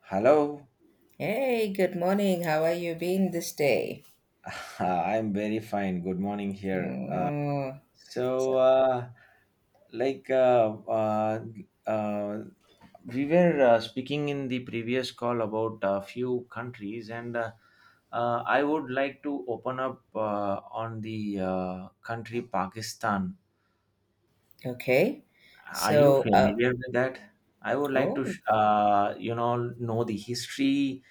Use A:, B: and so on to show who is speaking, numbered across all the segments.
A: Hello,
B: Hey, good morning. How are you been this day?
A: I'm very fine. Good morning here.
B: Oh, so-
A: So, like, uh, we were speaking in the previous call about a few countries, and I would like to open up on the country Pakistan.
B: okay.
A: Are you
B: So, uh,
A: familiar with that? I would like to,
B: oh,
A: know the history,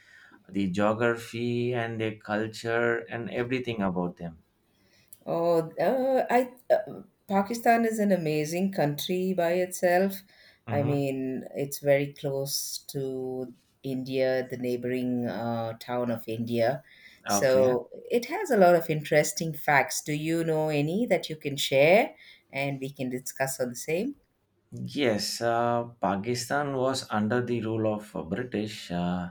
A: the geography, and the culture, and everything about them.
B: oh, I Pakistan is an amazing country by itself. I
A: Mhm.
B: mean, it's very close to India, the neighboring town of India.
A: Okay.
B: So it has a lot of interesting facts. Do you know any that you can share and we can discuss on the same?
A: Yes, Pakistan was under the rule of British uh,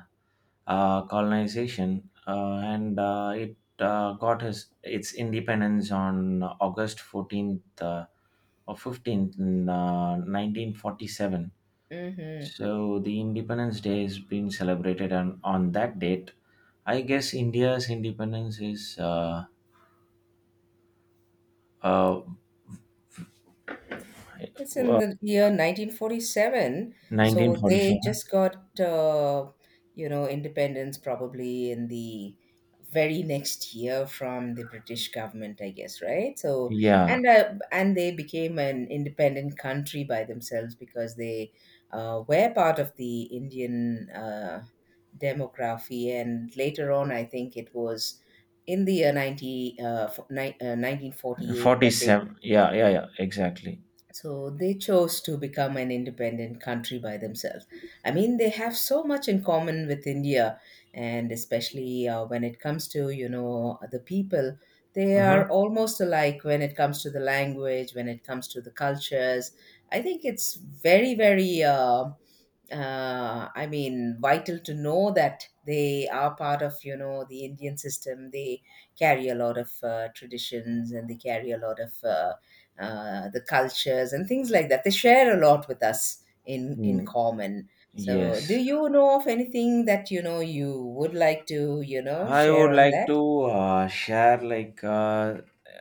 A: uh, colonization, and it got its independence on August 14th or 15th in 1947.
B: Mm-hmm.
A: So the Independence Day is being celebrated on that date. I guess India's independence is uh,
B: It's in
A: uh,
B: the year 1947, so they
A: 1947.
B: just got, you know, independence probably in the very next year from the British government, I guess, right? So,
A: Yeah,
B: and they became an independent country by themselves because they were part of the Indian demography, and later on, I think it was in the year 1948 that they
A: 47. Yeah, yeah, yeah, exactly.
B: so they chose to become an independent country by themselves. I mean, they have so much in common with India, and especially when it comes to, you know, the people, they
A: Uh-huh.
B: are almost alike when it comes to the language, when it comes to the cultures. I think it's very, very, I mean, vital to know that they are part of, you know, the Indian system. They carry a lot of traditions and they carry a lot of the cultures and things like that. They share a lot with us in
A: Mm,
B: common. So, do
A: yes,
B: you know of anything that you would like to,
A: I
B: share
A: would
B: on
A: like
B: that?
A: to share like uh,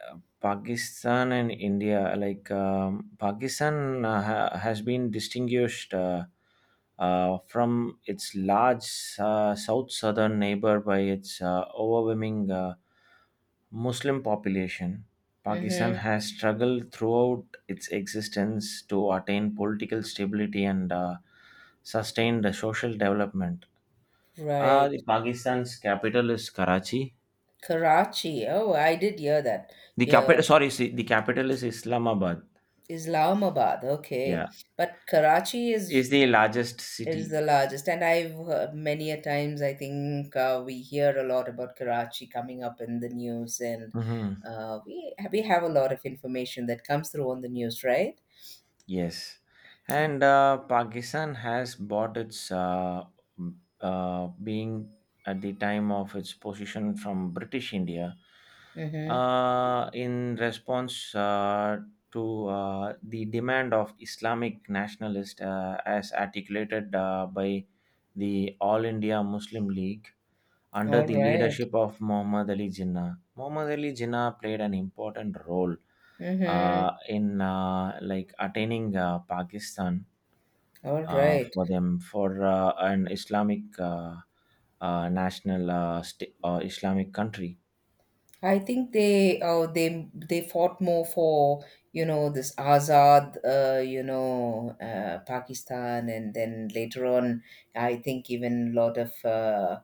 A: uh, Pakistan and India. Like Pakistan has been distinguished from its large southern neighbor by its overwhelming Muslim population. Pakistan
B: Mm-hmm.
A: has struggled throughout its existence to attain political stability and sustain the social development.
B: Right.
A: The Pakistan's capital is Karachi.
B: Karachi. Oh, I did hear that.
A: The
B: Yeah.
A: capital, sorry, the capital is Islamabad.
B: Islamabad. Okay.
A: Yeah,
B: But Karachi is
A: is the largest
B: is
A: city.
B: the largest, and I've heard many a times. I think we hear a lot about Karachi coming up in the news, and
A: Hmm.
B: we have a lot of information that comes through on the news, right?
A: Yes,
B: Yeah.
A: and Pakistan has bought its being at the time of its position from British India
B: Mm-hmm.
A: in response to the demand of Islamic nationalists as articulated by the All India Muslim League. Under
B: All
A: the
B: right.
A: leadership of Muhammad Ali Jinnah, Muhammad Ali Jinnah played an important role
B: Mm-hmm.
A: in like attaining Pakistan
B: All right.
A: for them, for an Islamic, national, Islamic country.
B: I think they fought more for, you know, this Azad, you know, Pakistan, and then later on, I think even a lot of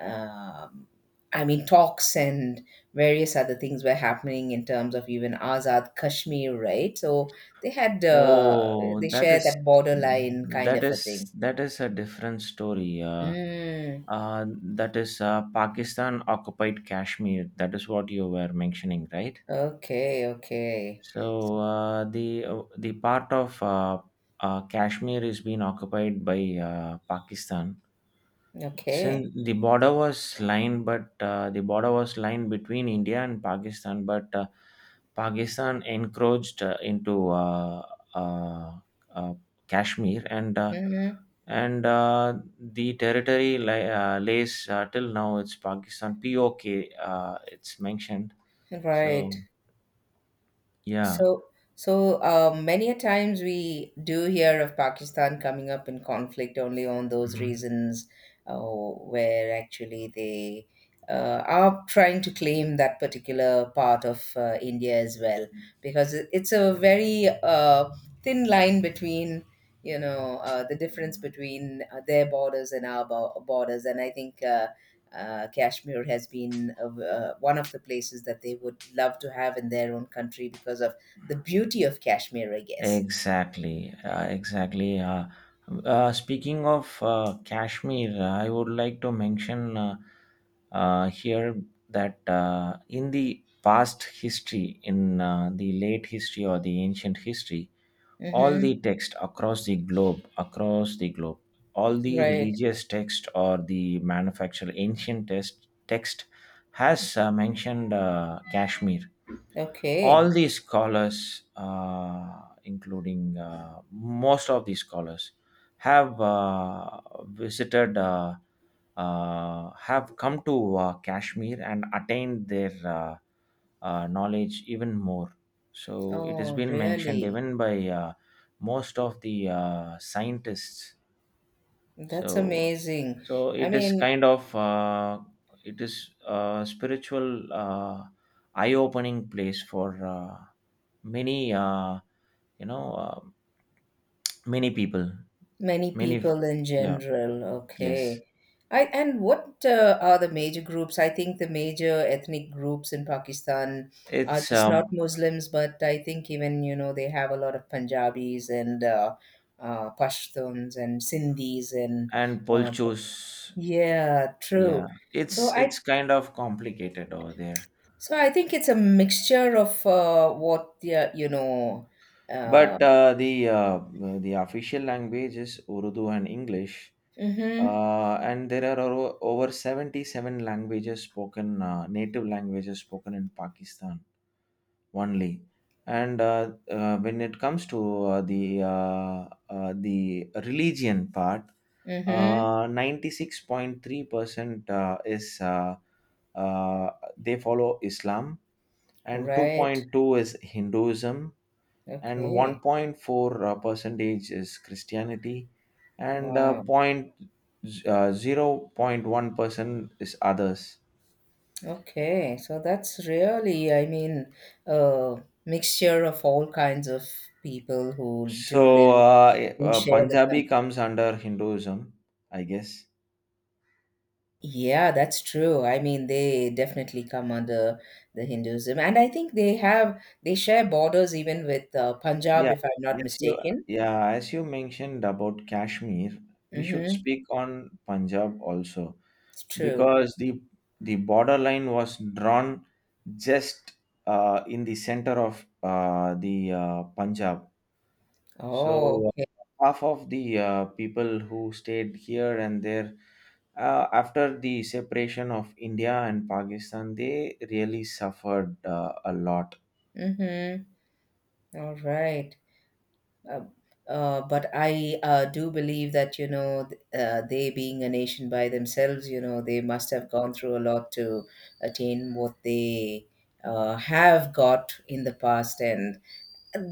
B: um I mean, talks and various other things were happening in terms of even Azad Kashmir, right? So they had uh,
A: Oh,
B: they
A: that
B: share
A: is
B: that borderline kind
A: that
B: of a
A: is
B: thing.
A: that is a different story.
B: Mm.
A: That is, Pakistan occupied Kashmir. That is what you were mentioning, right?
B: Okay, okay,
A: So the part of Kashmir is being occupied by Pakistan.
B: okay.
A: Since the border was lined, but the border was lined between India and Pakistan, but Pakistan encroached into uh, uh, Kashmir, and uh,
B: Hmm.
A: and uh, the territory lays, till now it's Pakistan. POK, it's mentioned.
B: Right.
A: So yeah.
B: So, so, many a times we do hear of Pakistan coming up in conflict only on those
A: Mm-hmm.
B: reasons, where actually they are trying to claim that particular part of India as well, because it's a very thin line between, you know, the difference between their borders and our borders, and I think Kashmir has been one of the places that they would love to have in their own country because of the beauty of Kashmir, I guess.
A: Exactly, exactly. Speaking of Kashmir, I would like to mention here that in the past history, in the late history or the ancient history, all
B: Mm-hmm.
A: the text across the globe, all the
B: Right.
A: religious text or the manufactured ancient text has mentioned Kashmir. All
B: Okay.
A: these scholars, including most of these scholars, have visited, have come to Kashmir and attained their knowledge even more. So it has
B: Oh,
A: been mentioned
B: really?
A: even by most of the scientists,
B: That's
A: so
B: amazing.
A: so
B: I
A: it is
B: mean,
A: kind of it is a spiritual, eye-opening place for many, you know uh, many people.
B: many
A: Many
B: people in
A: Yeah,
B: general.
A: yes.
B: Okay. I And what are the major groups? I think the major ethnic groups in Pakistan are
A: It's,
B: just not Muslims, but I think, even, you know, they have a lot of Punjabis and Pashtuns and Sindhis and
A: and
B: uh,
A: polchos.
B: yeah,
A: Yeah,
B: true.
A: it's
B: So
A: it's
B: I
A: kind of complicated over there.
B: So I think it's a mixture of what the, you know. Uh,
A: But the official language is Urdu and English.
B: mm-hmm.
A: And there are over 77 languages spoken, native languages spoken in Pakistan only. And when it comes to uh, the uh, the religion part,
B: Mm-hmm.
A: 96.3% is, uh, they follow Islam, and
B: Right.
A: 2.2 is Hinduism, and
B: Okay.
A: 1.4 percentage is Christianity, and
B: Wow.
A: point zero point 0.1% is others.
B: Okay. So that's really, I mean, a mixture of all kinds of people who do
A: So
B: live
A: uh, eh,
B: and
A: uh,
B: share the country.
A: Punjabi comes under Hinduism, I guess.
B: Yeah, that's true. I mean, they definitely come under the Hinduism, and I think they share borders even with Punjab,
A: Yeah,
B: if I'm not
A: as you
B: mistaken.
A: yeah, as you mentioned about Kashmir, we should
B: Mm-hmm.
A: speak on Punjab also,
B: It's true.
A: because the borderline was drawn just in the center of the Punjab.
B: Oh,
A: So
B: okay.
A: uh, half of the people who stayed here and there, after the separation of India and Pakistan, they really suffered a lot.
B: Mm-hmm. All right. Uh, but I do believe that, you know, they, being a nation by themselves, you know, they must have gone through a lot to attain what they have got in the past. And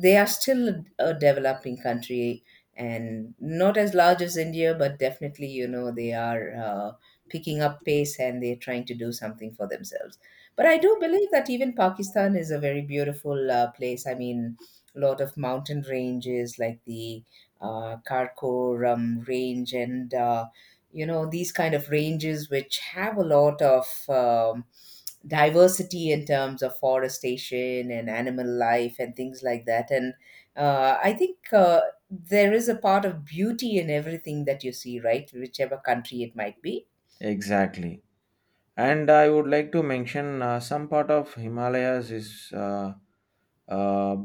B: they are still a developing country and not as large as India, but definitely, you know, they are picking up pace and they're trying to do something for themselves. But I do believe that even Pakistan is a very beautiful place. I mean, a lot of mountain ranges like the Karakoram range and, you know, these kind of ranges which have a lot of diversity in terms of forestation and animal life and things like that. And I think there is a part of beauty in everything that you see, right? Whichever country it might be.
A: Exactly. And I would like to mention some part of Himalayas is, uh,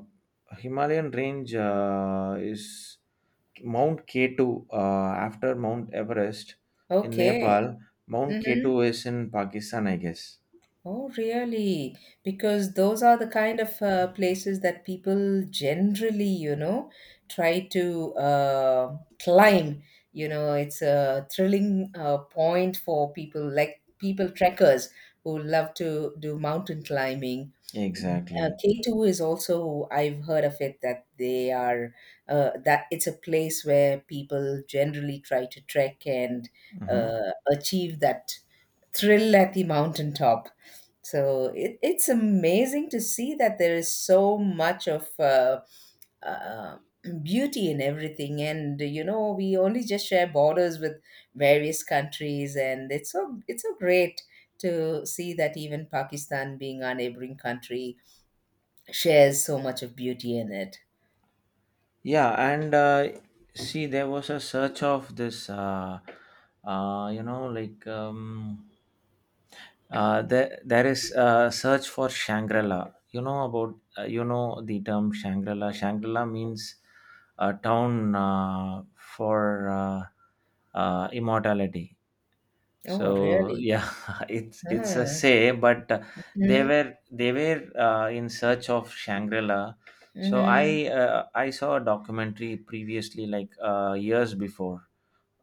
A: Himalayan range, is Mount K2, after Mount Everest in
B: Okay.
A: Nepal. Mount
B: Hmm.
A: K2 is in Pakistan, I guess.
B: Oh, really? Because those are the kind of places that people generally, you know, try to climb. You know, it's a thrilling point for people like people trekkers who love to do mountain climbing.
A: Exactly.
B: K2 is also, I've heard of it that they are, that it's a place where people generally try to trek and
A: Mhm.
B: achieve that thrill at the mountaintop. So it's amazing to see that there is so much of uh, beauty in everything, and you know we only just share borders with various countries, and it's so great to see that even Pakistan, being our neighboring country, shares so much of beauty in it.
A: Yeah, and see, there was a search of this, like there is a search for Shangri La. You know about you know the term Shangri La. Shangri La means a town for immortality.
B: Oh,
A: So
B: really?
A: yeah, it's a
B: Ah.
A: say, but they
B: Hmm.
A: were they were in search of Shangri-La. So
B: Hmm.
A: I uh, I saw a documentary previously, like years before.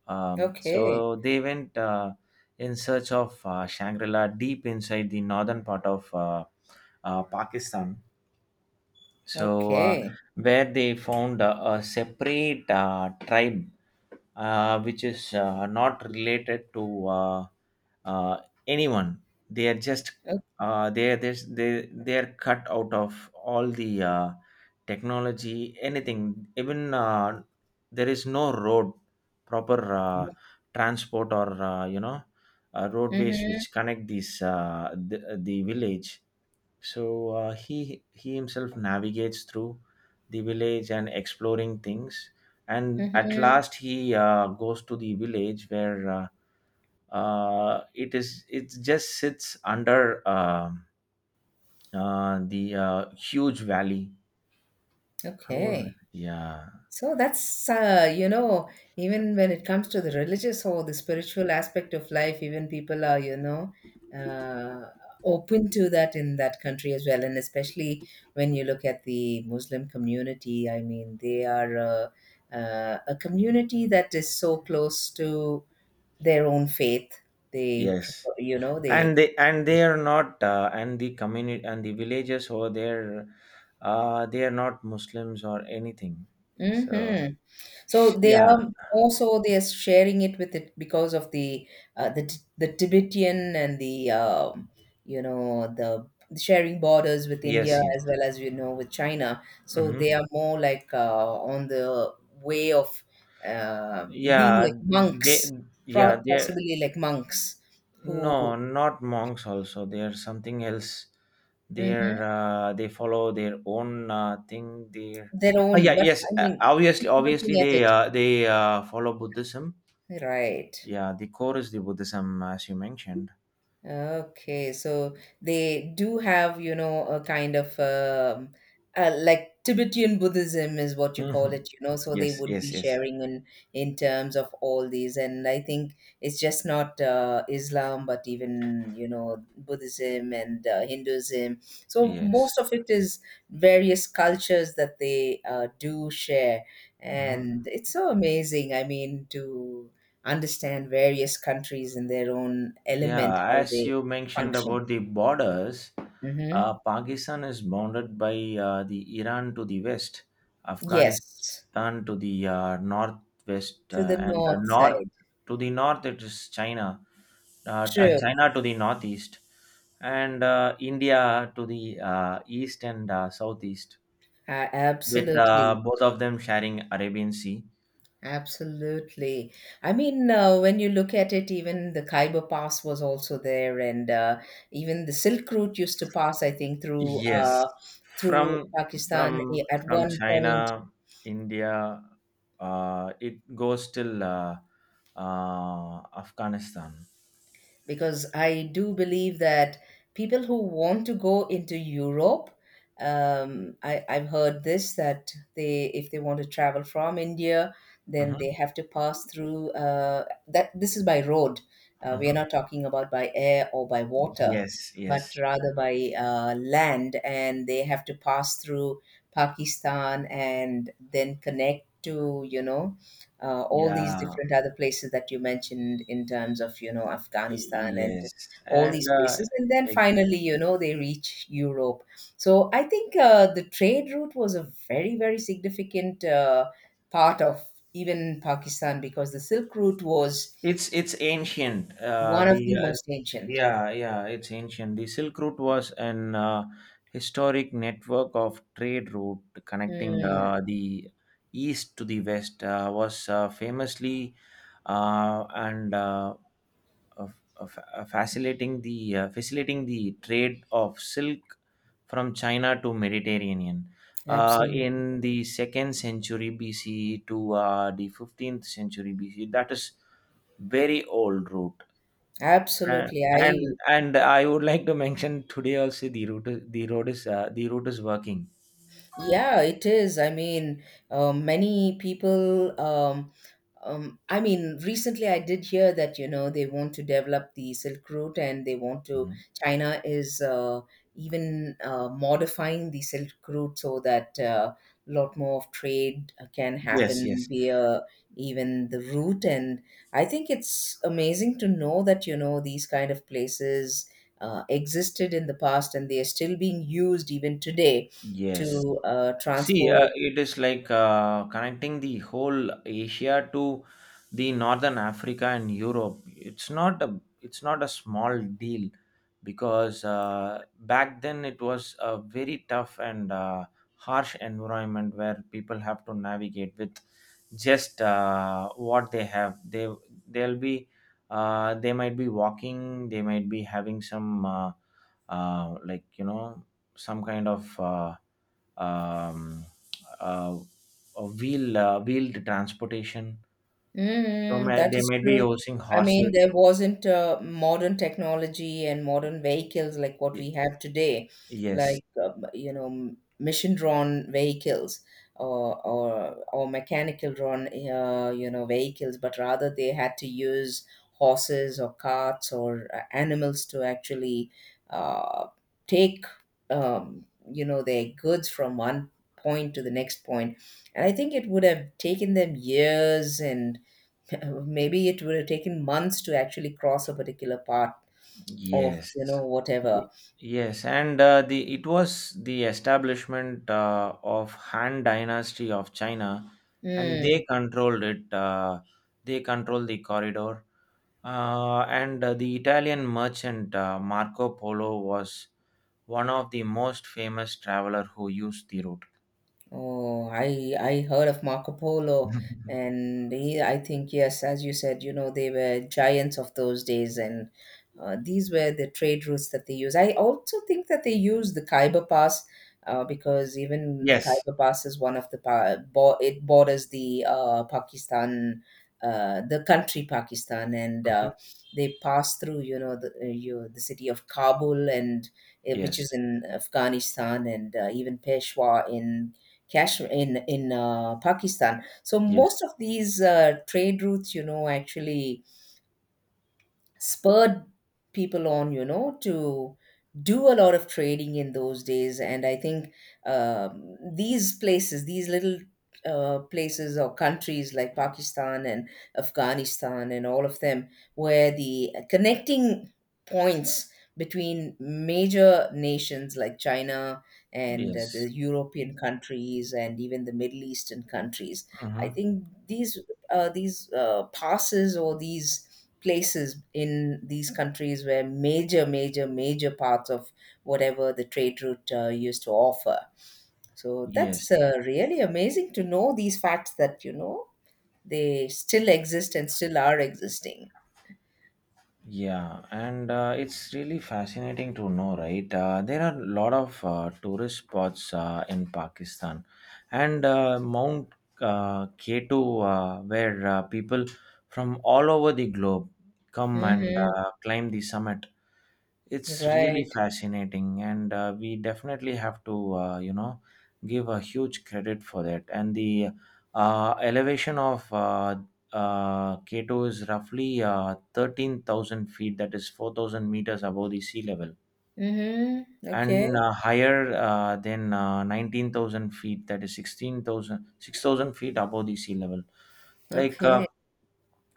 A: Um,
B: Okay.
A: so they went in search of Shangri-La deep inside the northern part of Pakistan. So
B: Okay.
A: where they found a separate tribe, which is not related to, uh, anyone. They are just,
B: Okay.
A: they are cut out of all the technology, anything. Even there is no road, proper transport or roadways
B: Hmm.
A: which connect the village. So he himself navigates through the village and exploring things, and at
B: Hmm.
A: last he goes to the village where, it just sits under, the huge valley. However,
B: Okay.
A: yeah,
B: So that's, you know, even when it comes to the religious or the spiritual aspect of life, even people are, you know, uh, open to that in that country as well. And especially when you look at the Muslim community, I mean, they are a community that is so close to their own faith. They
A: yes,
B: prefer, you know, they.
A: and they are not, and the community and the villages over there, they are not Muslims or anything. So
B: Mhm. So they
A: yeah,
B: are also, they are sharing it with it because of the the Tibetan and the, you know, the sharing borders with India
A: yes, yes.
B: as well as, you know, with China. So they
A: Hmm.
B: are more like, on the way of uh, being
A: Yeah,
B: like
A: they
B: monks,
A: yeah they
B: possibly like monks who
A: No, not monks also. They are something else.
B: Mhm.
A: They follow their own thing. They're.
B: their
A: Ah,
B: own.
A: yeah,
B: But
A: yes.
B: I mean, if
A: Obviously,
B: you're
A: obviously
B: looking at it,
A: they follow Buddhism.
B: right.
A: Yeah, the core is the Buddhism, as you mentioned.
B: Okay, so they do have, you know, a kind of like Tibetan Buddhism is what you call
A: Hmm.
B: it, you know. So they
A: Yes,
B: would be
A: yes, yes,
B: sharing in terms of all these, and I think it's just not Islam, but even, you know, Buddhism and Hinduism. So
A: yes.
B: most of it is various cultures that they do share,
A: Hmm.
B: and it's so amazing. I mean, to understand various countries in their own element,
A: Yeah,
B: how
A: as
B: they
A: you mentioned
B: function.
A: about the borders,
B: Hmm.
A: Pakistan is bounded by the Iran to the west,
B: Yes,
A: Afghanistan to the northwest,
B: to the
A: and
B: north
A: north
B: side.
A: to the north it is China, and
B: True.
A: China to the northeast, and India to the east and southeast, with
B: Absolutely.
A: both of them sharing Arabian Sea.
B: Absolutely. I mean, when you look at it, even the Khyber Pass was also there, and even the Silk Route used to pass, I think, through
A: Yes, from
B: Pakistan
A: from
B: at
A: from
B: one point.
A: China, India, it goes till Afghanistan.
B: Because I do believe that people who want to go into Europe, I've heard this that they, if they want to travel from India, then
A: Hmm.
B: they have to pass through that. This is by road. We are
A: Hmm.
B: not talking about by air or by water,
A: Yes,
B: but
A: yes,
B: rather by land, and they have to pass through Pakistan and then connect to, you know, all these
A: yeah,
B: different other places that you mentioned in terms of, you know,
A: y-
B: Afghanistan and
A: yes,
B: all
A: and
B: these places, and then
A: exactly.
B: finally, you know, they reach Europe. So I think the trade route was a very significant part of even Pakistan, because the Silk Route was
A: It's ancient.
B: one of
A: The
B: the most ancient.
A: Yeah, yeah, it's ancient. The Silk Route was an historic network of trade route connecting
B: Mm,
A: the east to the west. Was famously, and of- facilitating the trade of silk from China to Mediterranean. In
B: absolutely,
A: the second century BC to the 15th century BC, that is very old route, uh,
B: absolutely. I
A: and and I would like to mention today also the route is working.
B: Yeah, it is. I mean, many people. I mean, recently I did hear that, you know, they want to develop the Silk Route, and they want to.
A: Mhm.
B: China is even modifying the Silk Route, so that a lot more of trade can
A: Yes,
B: happen
A: yes,
B: via even the route. And I think it's amazing to know that, you know, these kind of places existed in the past, and they are still being used even today
A: yes.
B: to
A: See,
B: transport
A: it is like connecting the whole Asia to the northern Africa and Europe. It's not a small deal, because back then it was a very tough and harsh environment where people have to navigate with just what they have. They'll be they might be walking. They might be having some, like you know, some kind of, um, uh, wheeled transportation. So
B: Mm,
A: may,
B: that
A: they
B: is
A: may be
B: true.
A: using
B: I
A: horses.
B: mean, there wasn't modern technology and modern vehicles like what we
A: Y-
B: have today,
A: Yes,
B: like, you know, mission drawn vehicles or mechanical-drawn, you know, vehicles, but rather they had to use horses or carts or animals to actually uh, take, um, you know, their goods from one point to the next point. And I think it would have taken them years, and maybe it would have taken months to actually cross a particular part of,
A: yes,
B: you know,
A: Ye-
B: whatever.
A: yes, and the it was the establishment of Han Dynasty of China, and
B: Mm.
A: they controlled it. They controlled the corridor, and the Italian merchant Marco Polo was one of the most famous traveler who used the route.
B: Oh, I heard of Marco Polo, and he, I think, yes, as you said, you know, they were giants of those days, and these were the trade routes that they used. I also think that they used the Khyber Pass because even the
A: Yes.
B: Khyber Pass is one of the it borders the Pakistan, the country Pakistan, and
A: Mhm.
B: they pass through the the city of Kabul, and which
A: Yes,
B: is in Afghanistan, and even Peshawar in Kashmir in Pakistan. So
A: yes,
B: most of these trade routes, actually spurred people on, to do a lot of trading in those days. And I think these places, these little places or countries like Pakistan and Afghanistan and all of them, were the connecting points between major nations like China and
A: yes.
B: the European countries and even the Middle Eastern countries. I
A: Mhm.
B: think these passes or these places in these countries where major, major, major parts of whatever the trade route used to offer. So
A: Yes,
B: that's really amazing to know these facts that, they still exist and still are existing.
A: yeah, and it's really fascinating to know, right? There are a lot of tourist spots in Pakistan, and Mount Kato, where people from all over the globe come and
B: Hmm.
A: climb the summit. It's really
B: Right.
A: fascinating, and we definitely have to, give a huge credit for that. And the elevation of Kato is roughly 13,000 feet, that is 4,000 meters above the sea level,
B: Hmm. Okay.
A: and higher than 19,000 feet, that is 16,000 6,000 feet above the sea level. Like
B: Okay.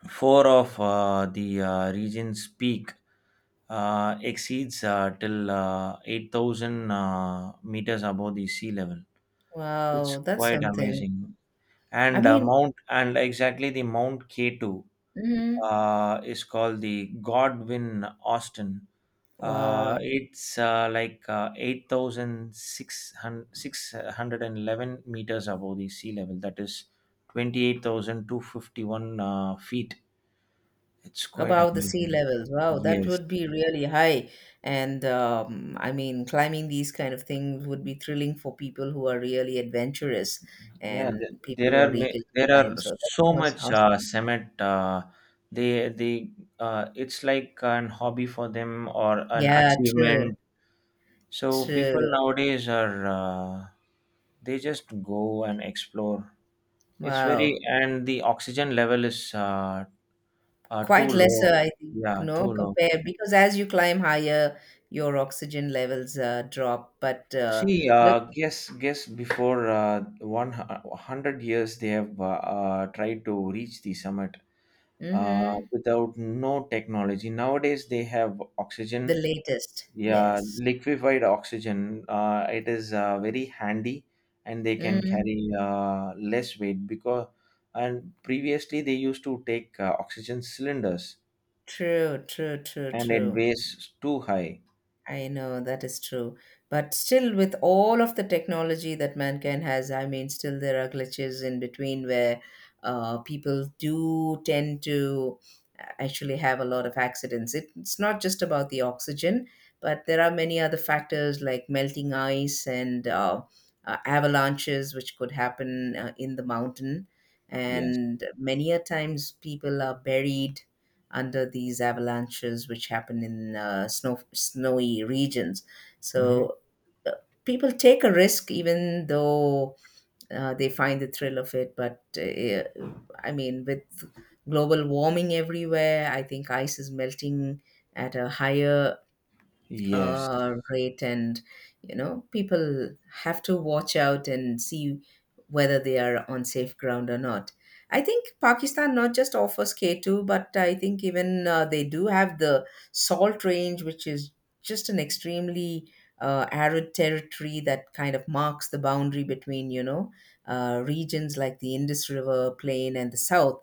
A: four of the region's peak exceeds till 8,000 meters above the sea level. It's
B: Wow, that's
A: quite
B: something.
A: amazing.
B: I
A: And
B: mean.
A: Exactly the Mount K2
B: Hmm.
A: is called the Godwin Austen.
B: Wow.
A: It's like 8,611 meters above the sea level. That is 28,251 feet. It's quite
B: Above the sea
A: amazing.
B: levels. Wow, that
A: Yes.
B: would be really high. And I mean, climbing these kind of things would be thrilling for people who are really adventurous
A: Yeah,
B: and people who are eager to
A: there
B: climb.
A: are
B: So that
A: so
B: was
A: much
B: awesome.
A: cement. They It's like an hobby for them or an
B: Yeah, true,
A: achievement. So people
B: true.
A: nowadays are they just go and explore. It's very,
B: Wow.
A: and the oxygen level is too
B: Quite lesser,
A: low.
B: I think,
A: Yeah,
B: no,
A: too low.
B: compare because as you climb higher, your oxygen levels drop. But
A: See,
B: look.
A: guess before 100 years they have tried to reach the summit
B: Hmm.
A: without no technology. Nowadays, they have
B: The
A: oxygen,
B: latest,
A: yeah,
B: yes.
A: liquefied oxygen. It is very handy, and they can
B: Mm,
A: carry less weight because. And previously, they used to take oxygen cylinders,
B: true, true, true,
A: and it
B: true.
A: weighs too high.
B: I know that is true. But still, with all of the technology that mankind has, I mean, still there are glitches in between where people do tend to actually have a lot of accidents. It's not just about the oxygen, but there are many other factors like melting ice and avalanches, which could happen in the mountain.
A: Yes.
B: And many a times people are buried under these avalanches which happen in snowy regions.
A: Hmm.
B: So uh, people take a risk even though they find the thrill of it. But I mean, with global warming everywhere, I think ice is melting at a higher
A: Yes.
B: rate, and people have to watch out and see whether they are on safe ground or not. I think Pakistan not just offers K2, but I think even they do have the salt range, which is just an extremely arid territory that kind of marks the boundary between regions like the Indus River plain and the south.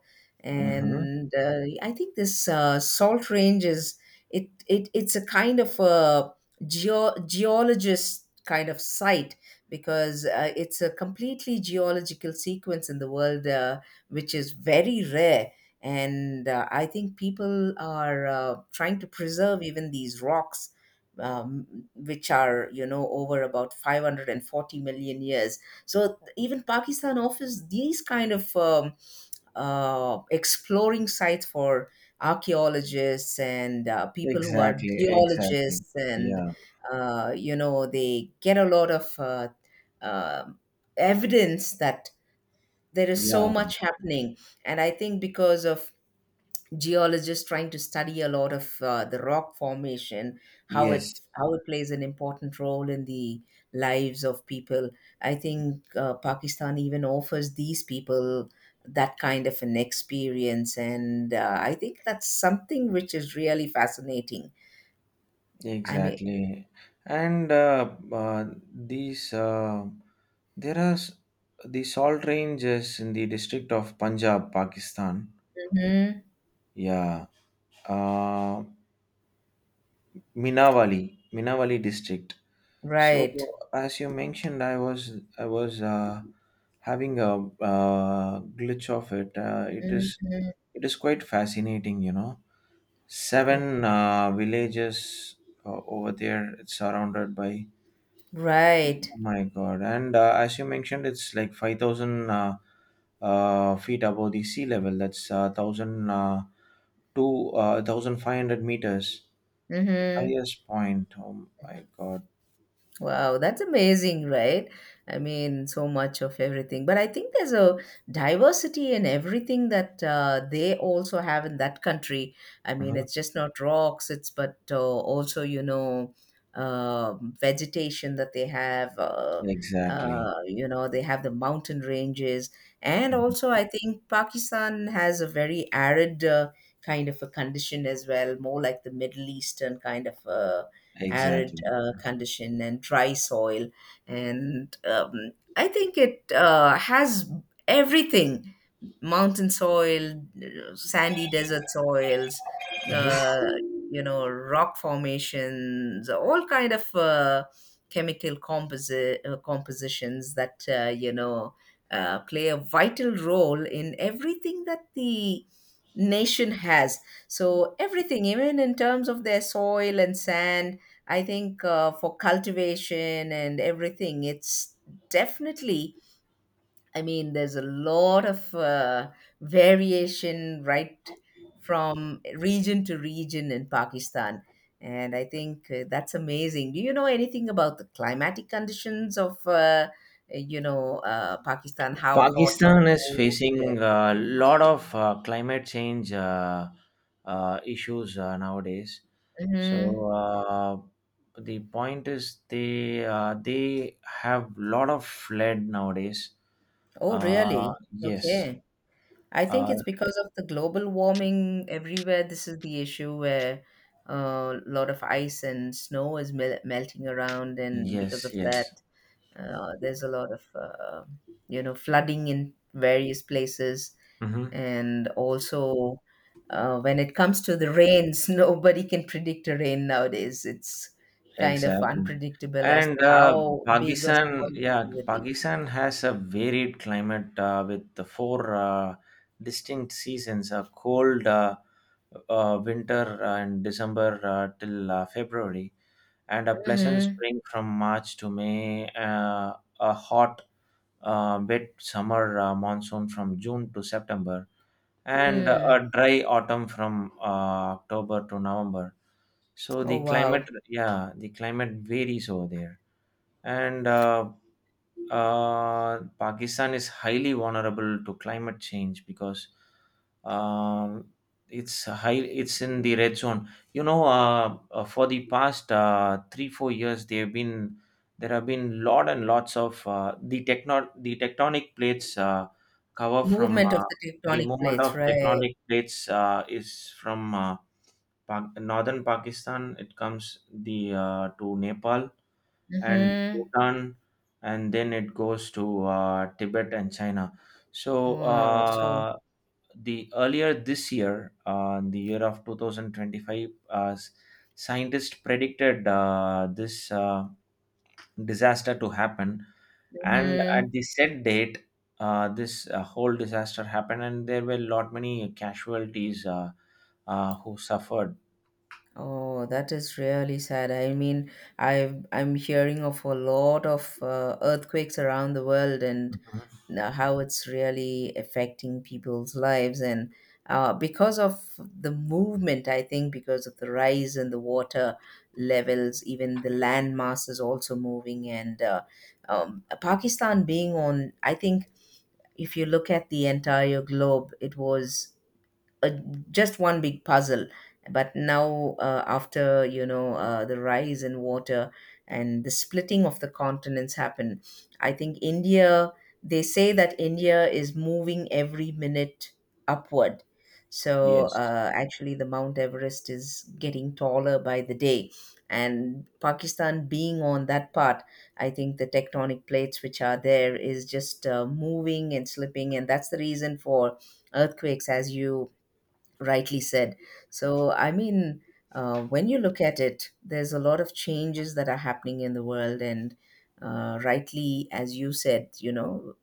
A: Mm-hmm.
B: And I think this salt range is it's a kind of a geologist kind of site because it's a completely geological sequence in the world, which is very rare. And I think people are trying to preserve even these rocks, which are over about 540 million years. So even Pakistan offers these kind of exploring sites for archaeologists and people who are
A: Exactly. Exactly.
B: geologists, and
A: Yeah.
B: they get a lot of um evidence that there is so
A: Yeah.
B: much happening. And I think because of geologists trying to study a lot of the rock formation, how it
A: Yes.
B: how it plays an important role in the lives of people. I think Pakistan even offers these people that kind of an experience, and I think that's something which is really fascinating. I mean.
A: Exactly. And these, uh, there are s- the salt ranges in the district of Punjab, Pakistan.
B: Mhm.
A: Yeah. Uh, Minawali district. So,
B: Right.
A: as you mentioned, I was having a glitch of it. Uh, it is
B: Mhm.
A: it is quite fascinating. Seven villages over there. It's surrounded by.
B: Right.
A: Oh my God. And as you mentioned, it's like 5,000 feet above the sea level. That's 1,000 to 1,500 meters.
B: Hmm.
A: Highest point. Oh my God.
B: Wow, that's amazing, right? I mean, so much of everything. But I think there's a diversity in everything that they also have in that country. I mean,
A: Mhm.
B: it's just not rocks, it's but also, vegetation that they have.
A: Exactly.
B: They have the mountain ranges. And
A: Mhm.
B: also, I think Pakistan has a very arid kind of a condition as well, more like the Middle Eastern kind of. Arid
A: Exactly.
B: condition and dry soil. And I think it has everything: mountain soil, sandy desert soils,
A: Mhm.
B: uh, rock formations, all kind of chemical compositions that, play a vital role in everything that the nation has. So everything, even in terms of their soil and sand, I think for cultivation and everything, it's definitely, I mean, there's a lot of variation right from region to region in Pakistan. And I think that's amazing. Do you know anything about the climatic conditions of, Pakistan? How hot or
A: Pakistan is
B: cold is it?
A: facing a lot of climate change issues nowadays. So
B: Hmm.
A: the point is they have lot of flood nowadays.
B: Oh, really?
A: Yes,
B: Okay. I think
A: uh,
B: it's because of the global warming everywhere. This is the issue where uh, a lot of ice and snow is melting around, and because
A: yes,
B: of
A: yes.
B: that, there's a lot of flooding in various places,
A: Hmm.
B: and also when it comes to the rains, nobody can predict a rain nowadays. It's kind of
A: Exactly.
B: unpredictable as
A: And
B: to how big or small
A: Pakistan,
B: it
A: yeah,
B: would be.
A: Pakistan has a varied climate with the four distinct seasons: a cold winter in December till February, and a pleasant
B: Hmm.
A: spring from March to May, a hot, wet summer monsoon from June to September, and
B: Mm.
A: a dry autumn from October to November. So
B: Oh,
A: the climate,
B: wow.
A: yeah, the climate varies over there, and Pakistan is highly vulnerable to climate change because um, it's high, it's in the red zone. You know, for the past 3-4 years, there have been lot and lots of the tectonic plates cover from
B: Movement of the
A: the
B: tectonic
A: movement
B: plates,
A: of
B: right.
A: tectonic plates is from northern Pakistan, it comes the to Nepal and
B: Mhm.
A: Bhutan, and then it goes to Tibet and China. So
B: Wow. So.
A: the earlier this year, the year of 2025, scientists predicted this disaster to happen, and at
B: Mhm.
A: the set date, this whole disaster happened, and there were a lot many casualties who suffered.
B: Oh, that is really sad. I mean, I'm hearing of a lot of earthquakes around the world, and
A: Mhm.
B: now how it's really affecting people's lives. And because of the movement, I think because of the rise in the water levels, even the land mass is also moving, and Pakistan being on, I think, if you look at the entire globe, it was uh, just one big puzzle. But now after the rise in water and the splitting of the continents happen, I think India, they say that India is moving every minute upward. So
A: Yes.
B: actually the Mount Everest is getting taller by the day. And Pakistan being on that part, I think the tectonic plates which are there is just moving and slipping, and that's the reason for earthquakes, as you rightly said. So, I mean, when you look at it, there's a lot of changes that are happening in the world, and rightly, as you said,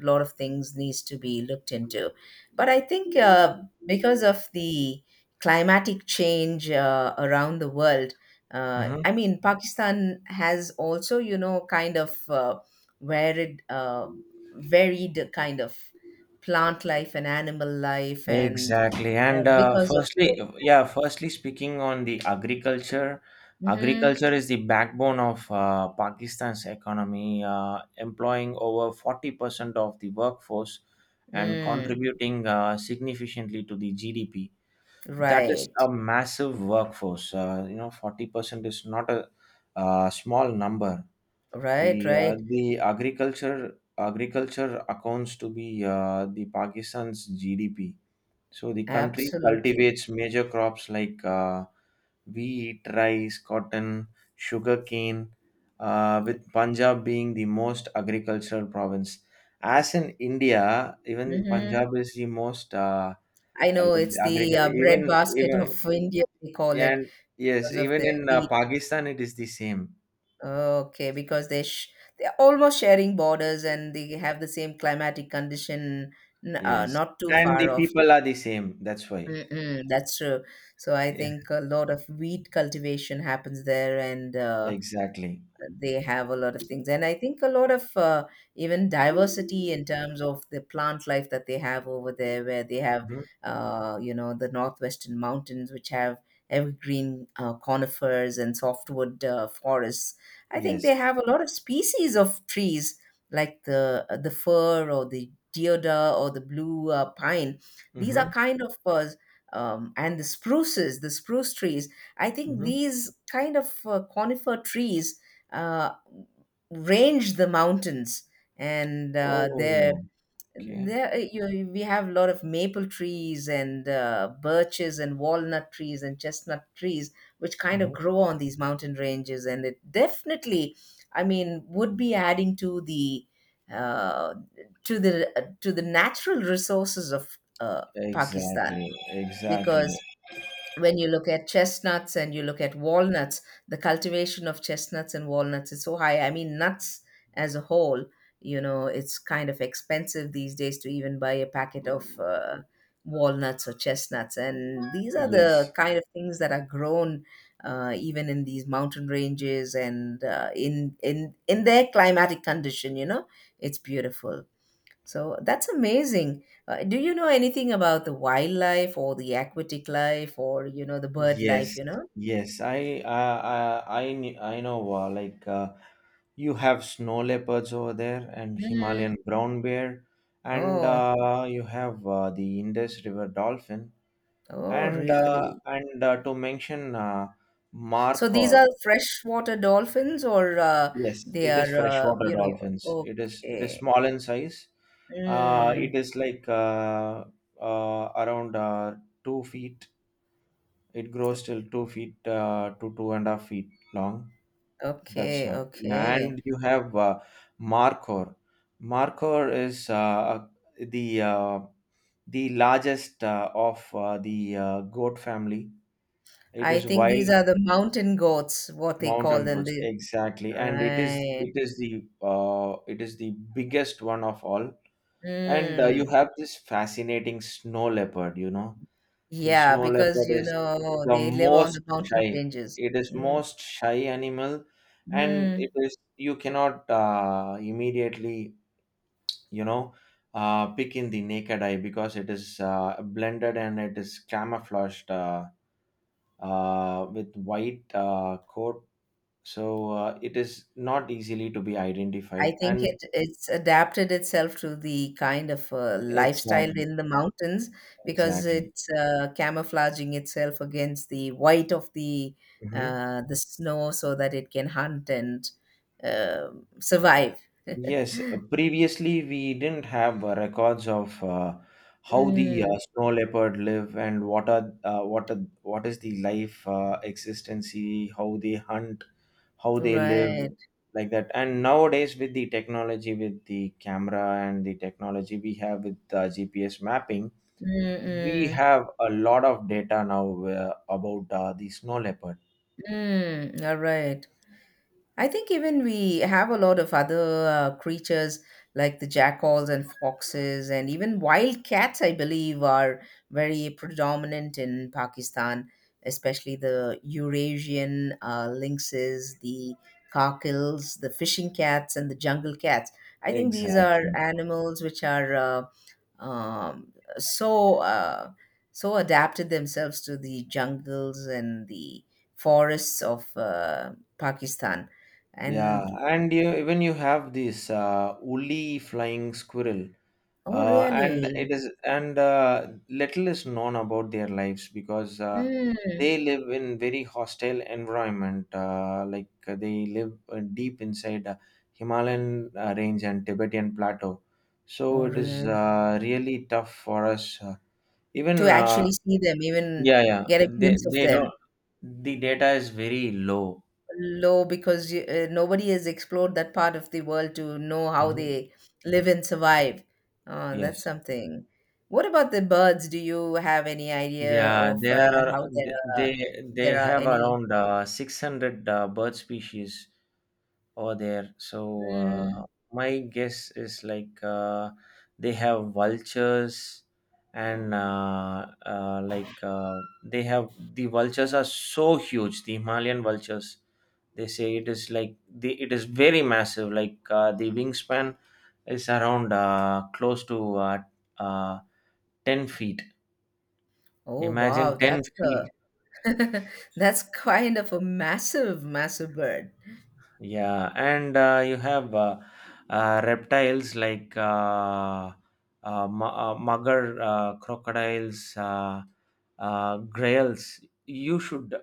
B: a lot of things needs to be looked into. But I think because of the climatic change around the world,
A: Hmm.
B: I mean, Pakistan has also, kind of varied, uh, varied kind of plant life and animal life, and
A: Exactly. And
B: because of the.
A: firstly, yeah, firstly, speaking on
B: Mm-hmm.
A: agriculture is the backbone of Pakistan's economy, employing over 40% of the workforce and
B: Mm.
A: contributing significantly to the GDP. That is
B: Right.
A: a massive workforce. You know, 40% is not a small number. The
B: Right.
A: uh,
B: Right.
A: the agriculture accounts to be the Pakistan's GDP. So the country
B: Absolutely.
A: cultivates major crops like wheat, rice, cotton, sugarcane, with Punjab being the most agricultural province. As in India, even
B: Mm-hmm.
A: Punjab is the most
B: I know it's the
A: agriculture. Even
B: bread basket
A: even
B: of India, they call it,
A: and yes,
B: because of
A: even
B: the
A: in
B: wheat.
A: Pakistan, it is the same.
B: Okay, because they're almost sharing borders and they have the same climatic condition,
A: Yes,
B: not too
A: and
B: far
A: the
B: off.
A: people are the same. That's why.
B: Mm-mm, that's true. So I
A: Yeah,
B: think a lot of wheat cultivation happens there, and
A: exactly.
B: they have a lot of things, and I think a lot of even diversity in terms of the plant life that they have over there, where they have
A: Mhm.
B: the northwestern mountains which have evergreen conifers and softwood forests. I think
A: Yes.
B: they have a lot of species of trees, like the fir or the deodar or the blue pine. These are
A: Hmm.
B: kind of and the spruces the spruce trees. I think
A: Hmm.
B: these kind of conifer trees uh, range the mountains, and
A: Oh, okay.
B: we have a lot of maple trees and birches and walnut trees and chestnut trees, which kind of
A: Mm-hmm.
B: grow on these mountain ranges, and it definitely, I mean, would be adding to the uh, natural resources of Pakistan.
A: Exactly, exactly.
B: Because when you look at chestnuts and you look at walnuts, the cultivation of chestnuts and walnuts is so high. I mean, nuts as a whole, it's kind of expensive these days to even buy a packet of walnuts or chestnuts. And these are the
A: Yes,
B: kind of things that are grown even in these mountain ranges and in their climatic condition. You know, it's beautiful. So that's amazing. Do you know anything about the wildlife or the aquatic life, or, the bird life,
A: yes,
B: you know?
A: yes. I know. Like you have snow leopards over there, and
B: Mm.
A: Himalayan brown bear, and
B: Oh,
A: you have the Indus River dolphin,
B: oh,
A: and uh,
B: really?
A: and uh, to mention
B: So these are
A: markhor.
B: freshwater dolphins, or
A: Yes,
B: they
A: it is
B: are,
A: freshwater
B: you know,
A: dolphins. It is
B: okay.
A: small in size.
B: Mm,
A: It is like around 2 feet. It grows till 2 feet to 2.5 feet long. That's
B: okay,
A: how.
B: okay.
A: And you have markhor. Markhor is the uh, the largest of the goat family. It
B: I
A: is
B: think these
A: wild
B: are the mountain goats, what they call
A: mountain
B: them.
A: goats,
B: They.
A: exactly, and it is
B: Right.
A: it is the uh, it is the biggest one of all. And you
B: Mm.
A: have this fascinating snow leopard. The
B: Yeah,
A: snow
B: because,
A: leopard is the
B: they live on
A: most
B: the mountain
A: shy.
B: ranges.
A: It is
B: Mm.
A: most shy animal, and
B: Mm.
A: it is you cannot immediately you know pick in the naked eye because it is blended and it is camouflaged with white coat. So it is not easily to be
B: I
A: identified.
B: think it
A: And
B: it's adapted itself to the kind of lifestyle
A: exactly,
B: in the mountains because
A: exactly.
B: it's camouflaging itself against the white of the
A: Mhm.
B: uh, the snow so that it can hunt and uh, survive.
A: Yes, previously we didn't have records of how the
B: Mm,
A: snow leopard live and what is the life existency, how they hunt, how they live
B: right.
A: like that. And nowadays with the technology, with the camera and the technology we have with GPS mapping, we
B: Mm-mm.
A: have a lot of data now about the snow leopard.
B: Mm, all right. I think even we have a lot of other creatures like the jackals and foxes, and even wild cats, I believe, are very predominant in Pakistan, especially the Eurasian lynxes, the cockles, the fishing cats, and the jungle cats. I think these are
A: Exactly.
B: animals which are um, so uh, so adapted themselves to the jungles and the forests of Pakistan.
A: Yeah,
B: And.
A: even you have this woolly flying squirrel,
B: Oh,
A: and it
B: really?
A: is and uh, little is known about their lives because
B: Mm.
A: they live in very hostile environment. Like they live deep inside Himalayan range and Tibetan plateau, so
B: Oh,
A: it is
B: really?
A: really tough for us.
B: To
A: Even
B: actually see them, even
A: yeah, yeah,
B: get a
A: they
B: glimpse of
A: they don't.
B: them.
A: The data is very low.
B: Low because you, nobody has explored that part of the world to know how
A: Mhm.
B: they live and survive. Oh, that's
A: Yes.
B: something. What about the birds? Do you have any idea
A: Yeah,
B: of how
A: th- they
B: are
A: they
B: there are
A: have
B: any?
A: around 600 bird species over there. So
B: Mm.
A: my guess is like they have vultures and like the vultures are so huge. The Himalayan vultures, they say it is like the it is very massive. Like the wingspan is around close to uh, 10 feet.
B: Oh,
A: Imagine
B: wow,
A: 10
B: that's a
A: feet.
B: that's kind of a massive, massive bird.
A: Yeah, and you have reptiles like mugger crocodiles, grails. You should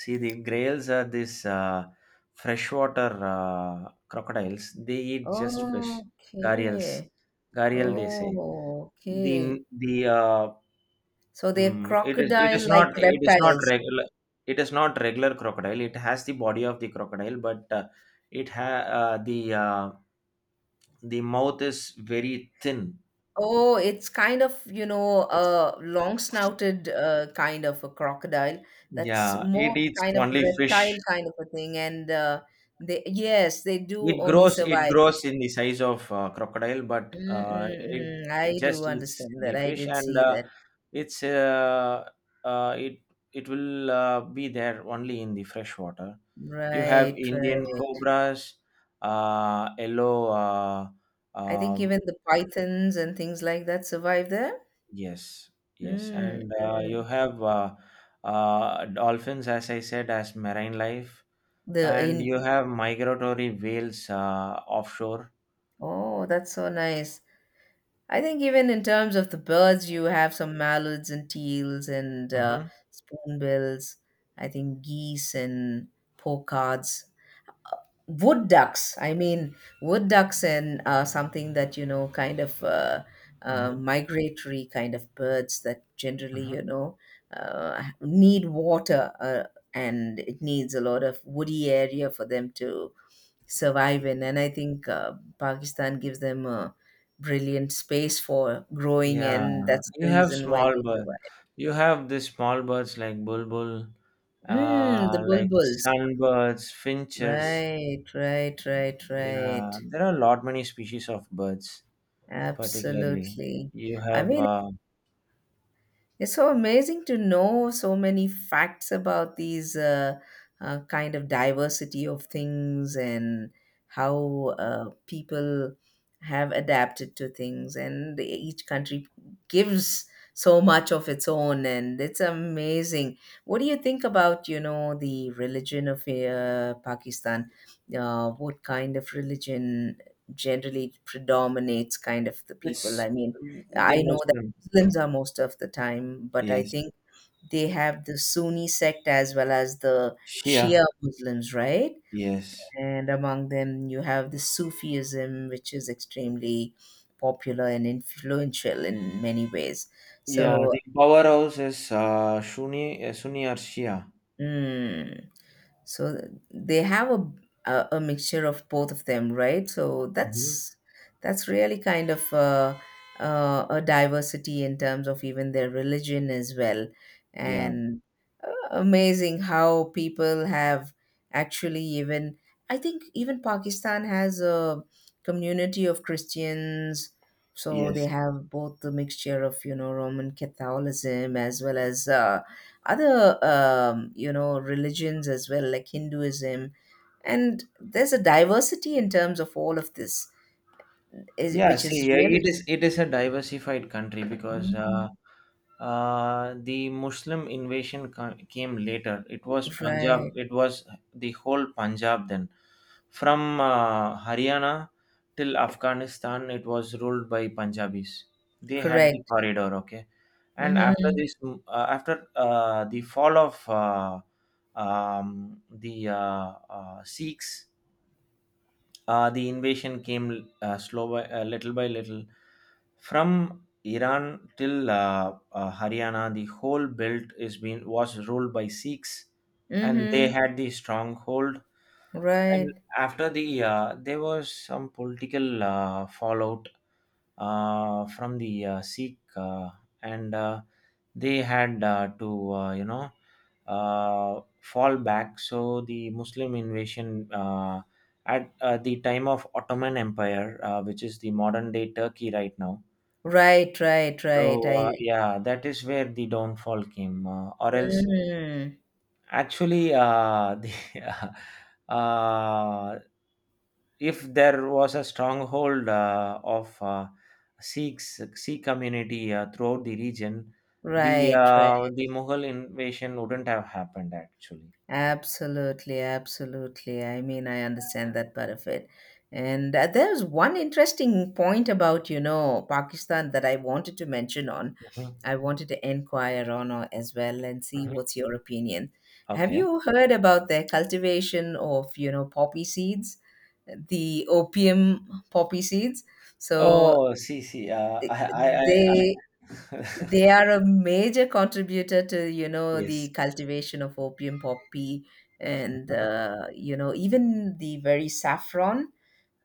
A: see, the grails are these freshwater crocodiles. They eat just fish. Gharials,
B: Okay.
A: gharial they say.
B: Oh, okay.
A: The
B: So they're
A: Mm, it is
B: crocodile-like
A: not it is not
B: reptiles.
A: regular it is not regular crocodile. It has the body of the crocodile, but it ha uh, the uh, the mouth is very thin.
B: Oh, it's kind of, you know,
A: It's.
B: a long-snouted kind of a crocodile. That's
A: Yeah. It
B: more
A: eats
B: kind of a
A: only
B: reptile
A: fish.
B: kind of a thing. And they, yes, they do
A: It
B: only
A: grows it
B: survive.
A: grows in the size of crocodile, but it
B: Mm-mm-mm. I do
A: just eats
B: understand
A: the
B: that. I
A: fish
B: did
A: and
B: see
A: uh,
B: that.
A: it's uh, uh, it it will be there only in the fresh water. You have
B: Right,
A: Indian
B: right.
A: cobras, yellow,
B: I think
A: um,
B: even the pythons and things like that survive there.
A: yes, yes, and you
B: Mm-mm.
A: have dolphins as I said as marine life,
B: The
A: and you
B: in,
A: have migratory whales offshore.
B: oh, that's so nice. I think even in terms of the birds, you have some mallards and teals and
A: Mhm,
B: spoonbills. I think geese and pocards, wood ducks. I mean, wood ducks and something that, you know, kind of
A: mhm,
B: migratory kind of birds that generally,
A: mhm.
B: need water and it needs a lot of woody area for them to survive in. And I think Pakistan gives them a brilliant space for growing,
A: Yeah,
B: and that's
A: you
B: the
A: have
B: reason why
A: small
B: they
A: birds
B: survive.
A: you have these small birds like bulbul,
B: Mm, the
A: like
B: bulbuls.
A: sunbirds, finches.
B: Right, right, right,
A: Yeah,
B: right.
A: there are a lot many species of birds. Particularly,
B: Absolutely.
A: you
B: I
A: have
B: mean, it's so amazing to know so many facts about these kind of diversity of things and how people have adapted to things, and each country gives so much of its own, and it's amazing. What do you think about, you know, the religion of Pakistan? What kind of religion generally predominates kind of the people?
A: it's
B: I mean, I
A: the
B: know that.
A: Muslim.
B: Muslims are most of the time, but I
A: Yes,
B: think they have the Sunni sect as well as the
A: Shia.
B: Shia Muslims, right?
A: Yes,
B: And among them, you have the Sufism, which is extremely popular and influential in many ways.
A: yeah.
B: So
A: The powerhouse is Sunni, Sunni or Shia.
B: mm. So they have a, a mixture of both of them, right? So
A: Hmm.
B: that's really kind of a diversity in terms of even their religion as well,
A: Yeah.
B: and uh, amazing how people have actually even I think even Pakistan has a community of Christians, so they
A: Yes.
B: have both the mixture of, you know, Roman Catholicism as well as other you know, religions as well, like Hinduism, and there's a diversity in terms of all of this is,
A: Yeah,
B: which
A: see,
B: is really
A: it is a diversified country because
B: mm,
A: the Muslim invasion came later. It was Punjab.
B: right,
A: It was the whole Punjab then, from Haryana till Afghanistan. It was ruled by Punjabis. They had the
B: correct,
A: corridor, okay. And
B: hmm,
A: after the fall of the Sikhs, the invasion came slow by little by little from Iran till Haryana. The whole belt is being was ruled by Sikhs, and they
B: hmm,
A: had the stronghold. And
B: right,
A: after the there was some political fallout from the Sikh, and they had to fall back. So the Muslim invasion at the time of Ottoman Empire, which is the modern day Turkey right now.
B: right, right, right,
A: So
B: I
A: yeah, that is where the downfall came, or else.
B: mm,
A: Actually, uh, if there was a stronghold of Sikhs, Sikh community throughout the region, the
B: right, right.
A: uh, the Mughal invasion wouldn't have happened actually.
B: Absolutely, absolutely. I mean, I understand that part of it. And there's one interesting point about, you know, Pakistan that I wanted to mention on.
A: Mhm,
B: I wanted to inquire on as well and see
A: mhm.
B: what's your opinion. Have
A: Okay.
B: you heard about their cultivation of, you know, poppy seeds, the opium poppy seeds? So
A: Oh, see, see.
B: eh,
A: I, I, I,
B: they
A: I
B: they are a major contributor to, you know, the
A: yes.
B: cultivation of opium poppy and, you know, even the very saffron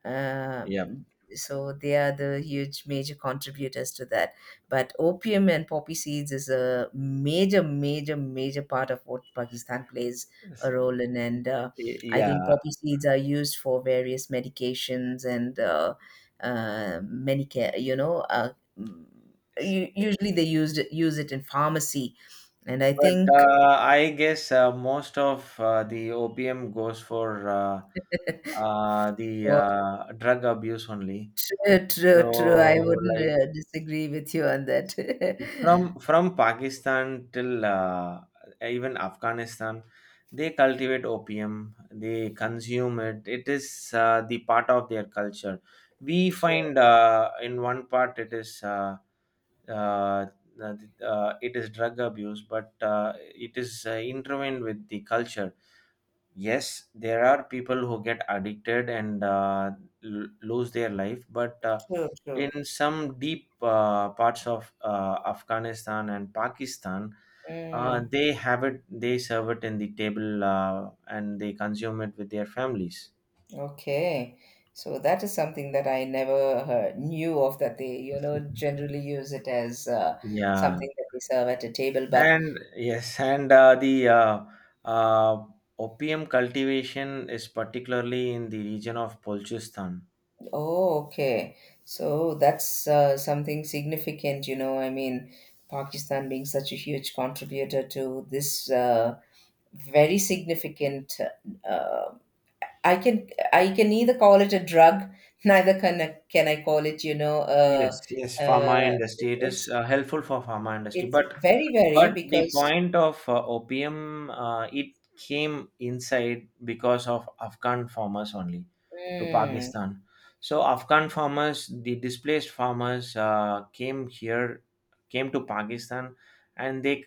B: uh,
A: Yeah.
B: so they are the huge major contributors to that, but opium and poppy seeds is a major, major, major part of what Pakistan plays a role in. And I
A: Yeah.
B: think poppy seeds are used for various medications and many care, mm,
A: See.
B: usually they use it in pharmacy, and I
A: But
B: think
A: I guess most of the opium goes for. Uh, uh, the
B: for
A: uh, drug abuse only.
B: true,
A: So
B: true, true. I wouldn't
A: like
B: disagree with you on that.
A: from Pakistan till even Afghanistan, they cultivate opium. They consume it. It is the part of their culture. We
B: True.
A: find in one part it is. Uh, it is drug abuse, but it is intertwined with the culture. Yes, there are people who get addicted and lose their life, but
B: True, true.
A: in some deep parts of Afghanistan and Pakistan,
B: Mm,
A: they serve it in the table, and they consume it with their families.
B: okay. So that is something that I never heard, knew of, that they, you know, generally use it as
A: Yeah,
B: something that they serve at a table. But
A: and yes, and the uh, opium cultivation is particularly in the region of Balochistan.
B: oh, okay. So that's something significant, you know. I mean, Pakistan being such a huge contributor to this very significant. Uh, I can, I can neither call it a drug, neither can I, can I call it, you know,
A: Yes, yes, pharma
B: uh,
A: industry. It is
B: it's
A: helpful for pharma industry,
B: It's
A: but
B: very, very
A: but the
B: because,
A: point of opium, it came inside because of Afghan farmers only to
B: mm,
A: Pakistan. So Afghan farmers, the displaced farmers, came here, came to Pakistan, and they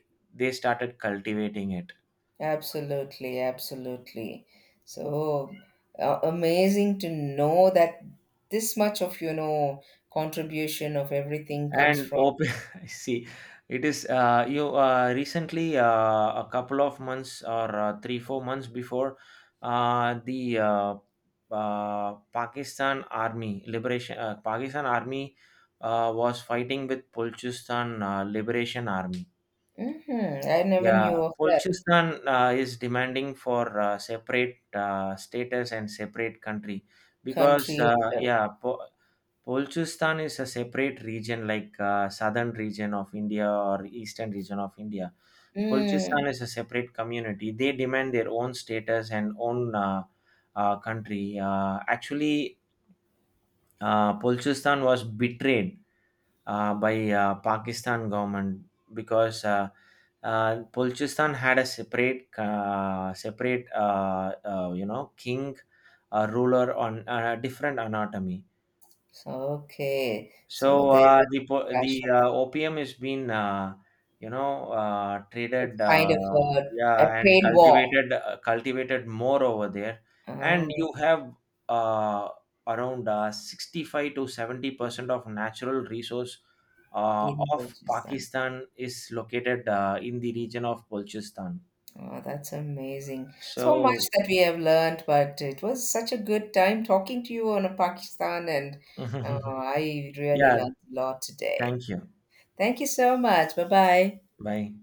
A: they started cultivating it.
B: absolutely, absolutely. So amazing to know that this much of, you know, contribution of everything comes
A: And
B: from.
A: open I see. It is you Recently, a couple of months or 3 4 months before, the Pakistan army was fighting with Pulchistan Liberation Army.
B: Hmm, I never
A: Yeah,
B: knew of that
A: Pulchistan is demanding for separate status and separate country, because
B: country itself.
A: yeah, Balochistan is a separate region, like southern region of India or eastern region of India.
B: Mm.
A: Balochistan is a separate community. They demand their own status and own country. Actually, Balochistan was betrayed by Pakistan government because Balochistan had a separate, king, ruler on a different anatomy.
B: So, okay.
A: So
B: So there is
A: the
B: clash.
A: uh, opium has been
B: It's
A: traded,
B: kind of a
A: yeah, and
B: trade war.
A: cultivated more over there, and
B: Oh,
A: you have uh, around 65 to 70% of natural resource
B: in
A: of
B: Balochistan.
A: Pakistan is located in the region of Balochistan.
B: Oh, that's amazing. So much
A: So
B: that we have learned, but it was such a good time talking to you on Pakistan, and I really
A: yeah,
B: learned a lot today.
A: thank you.
B: Thank you so much. Bye bye.
A: Bye.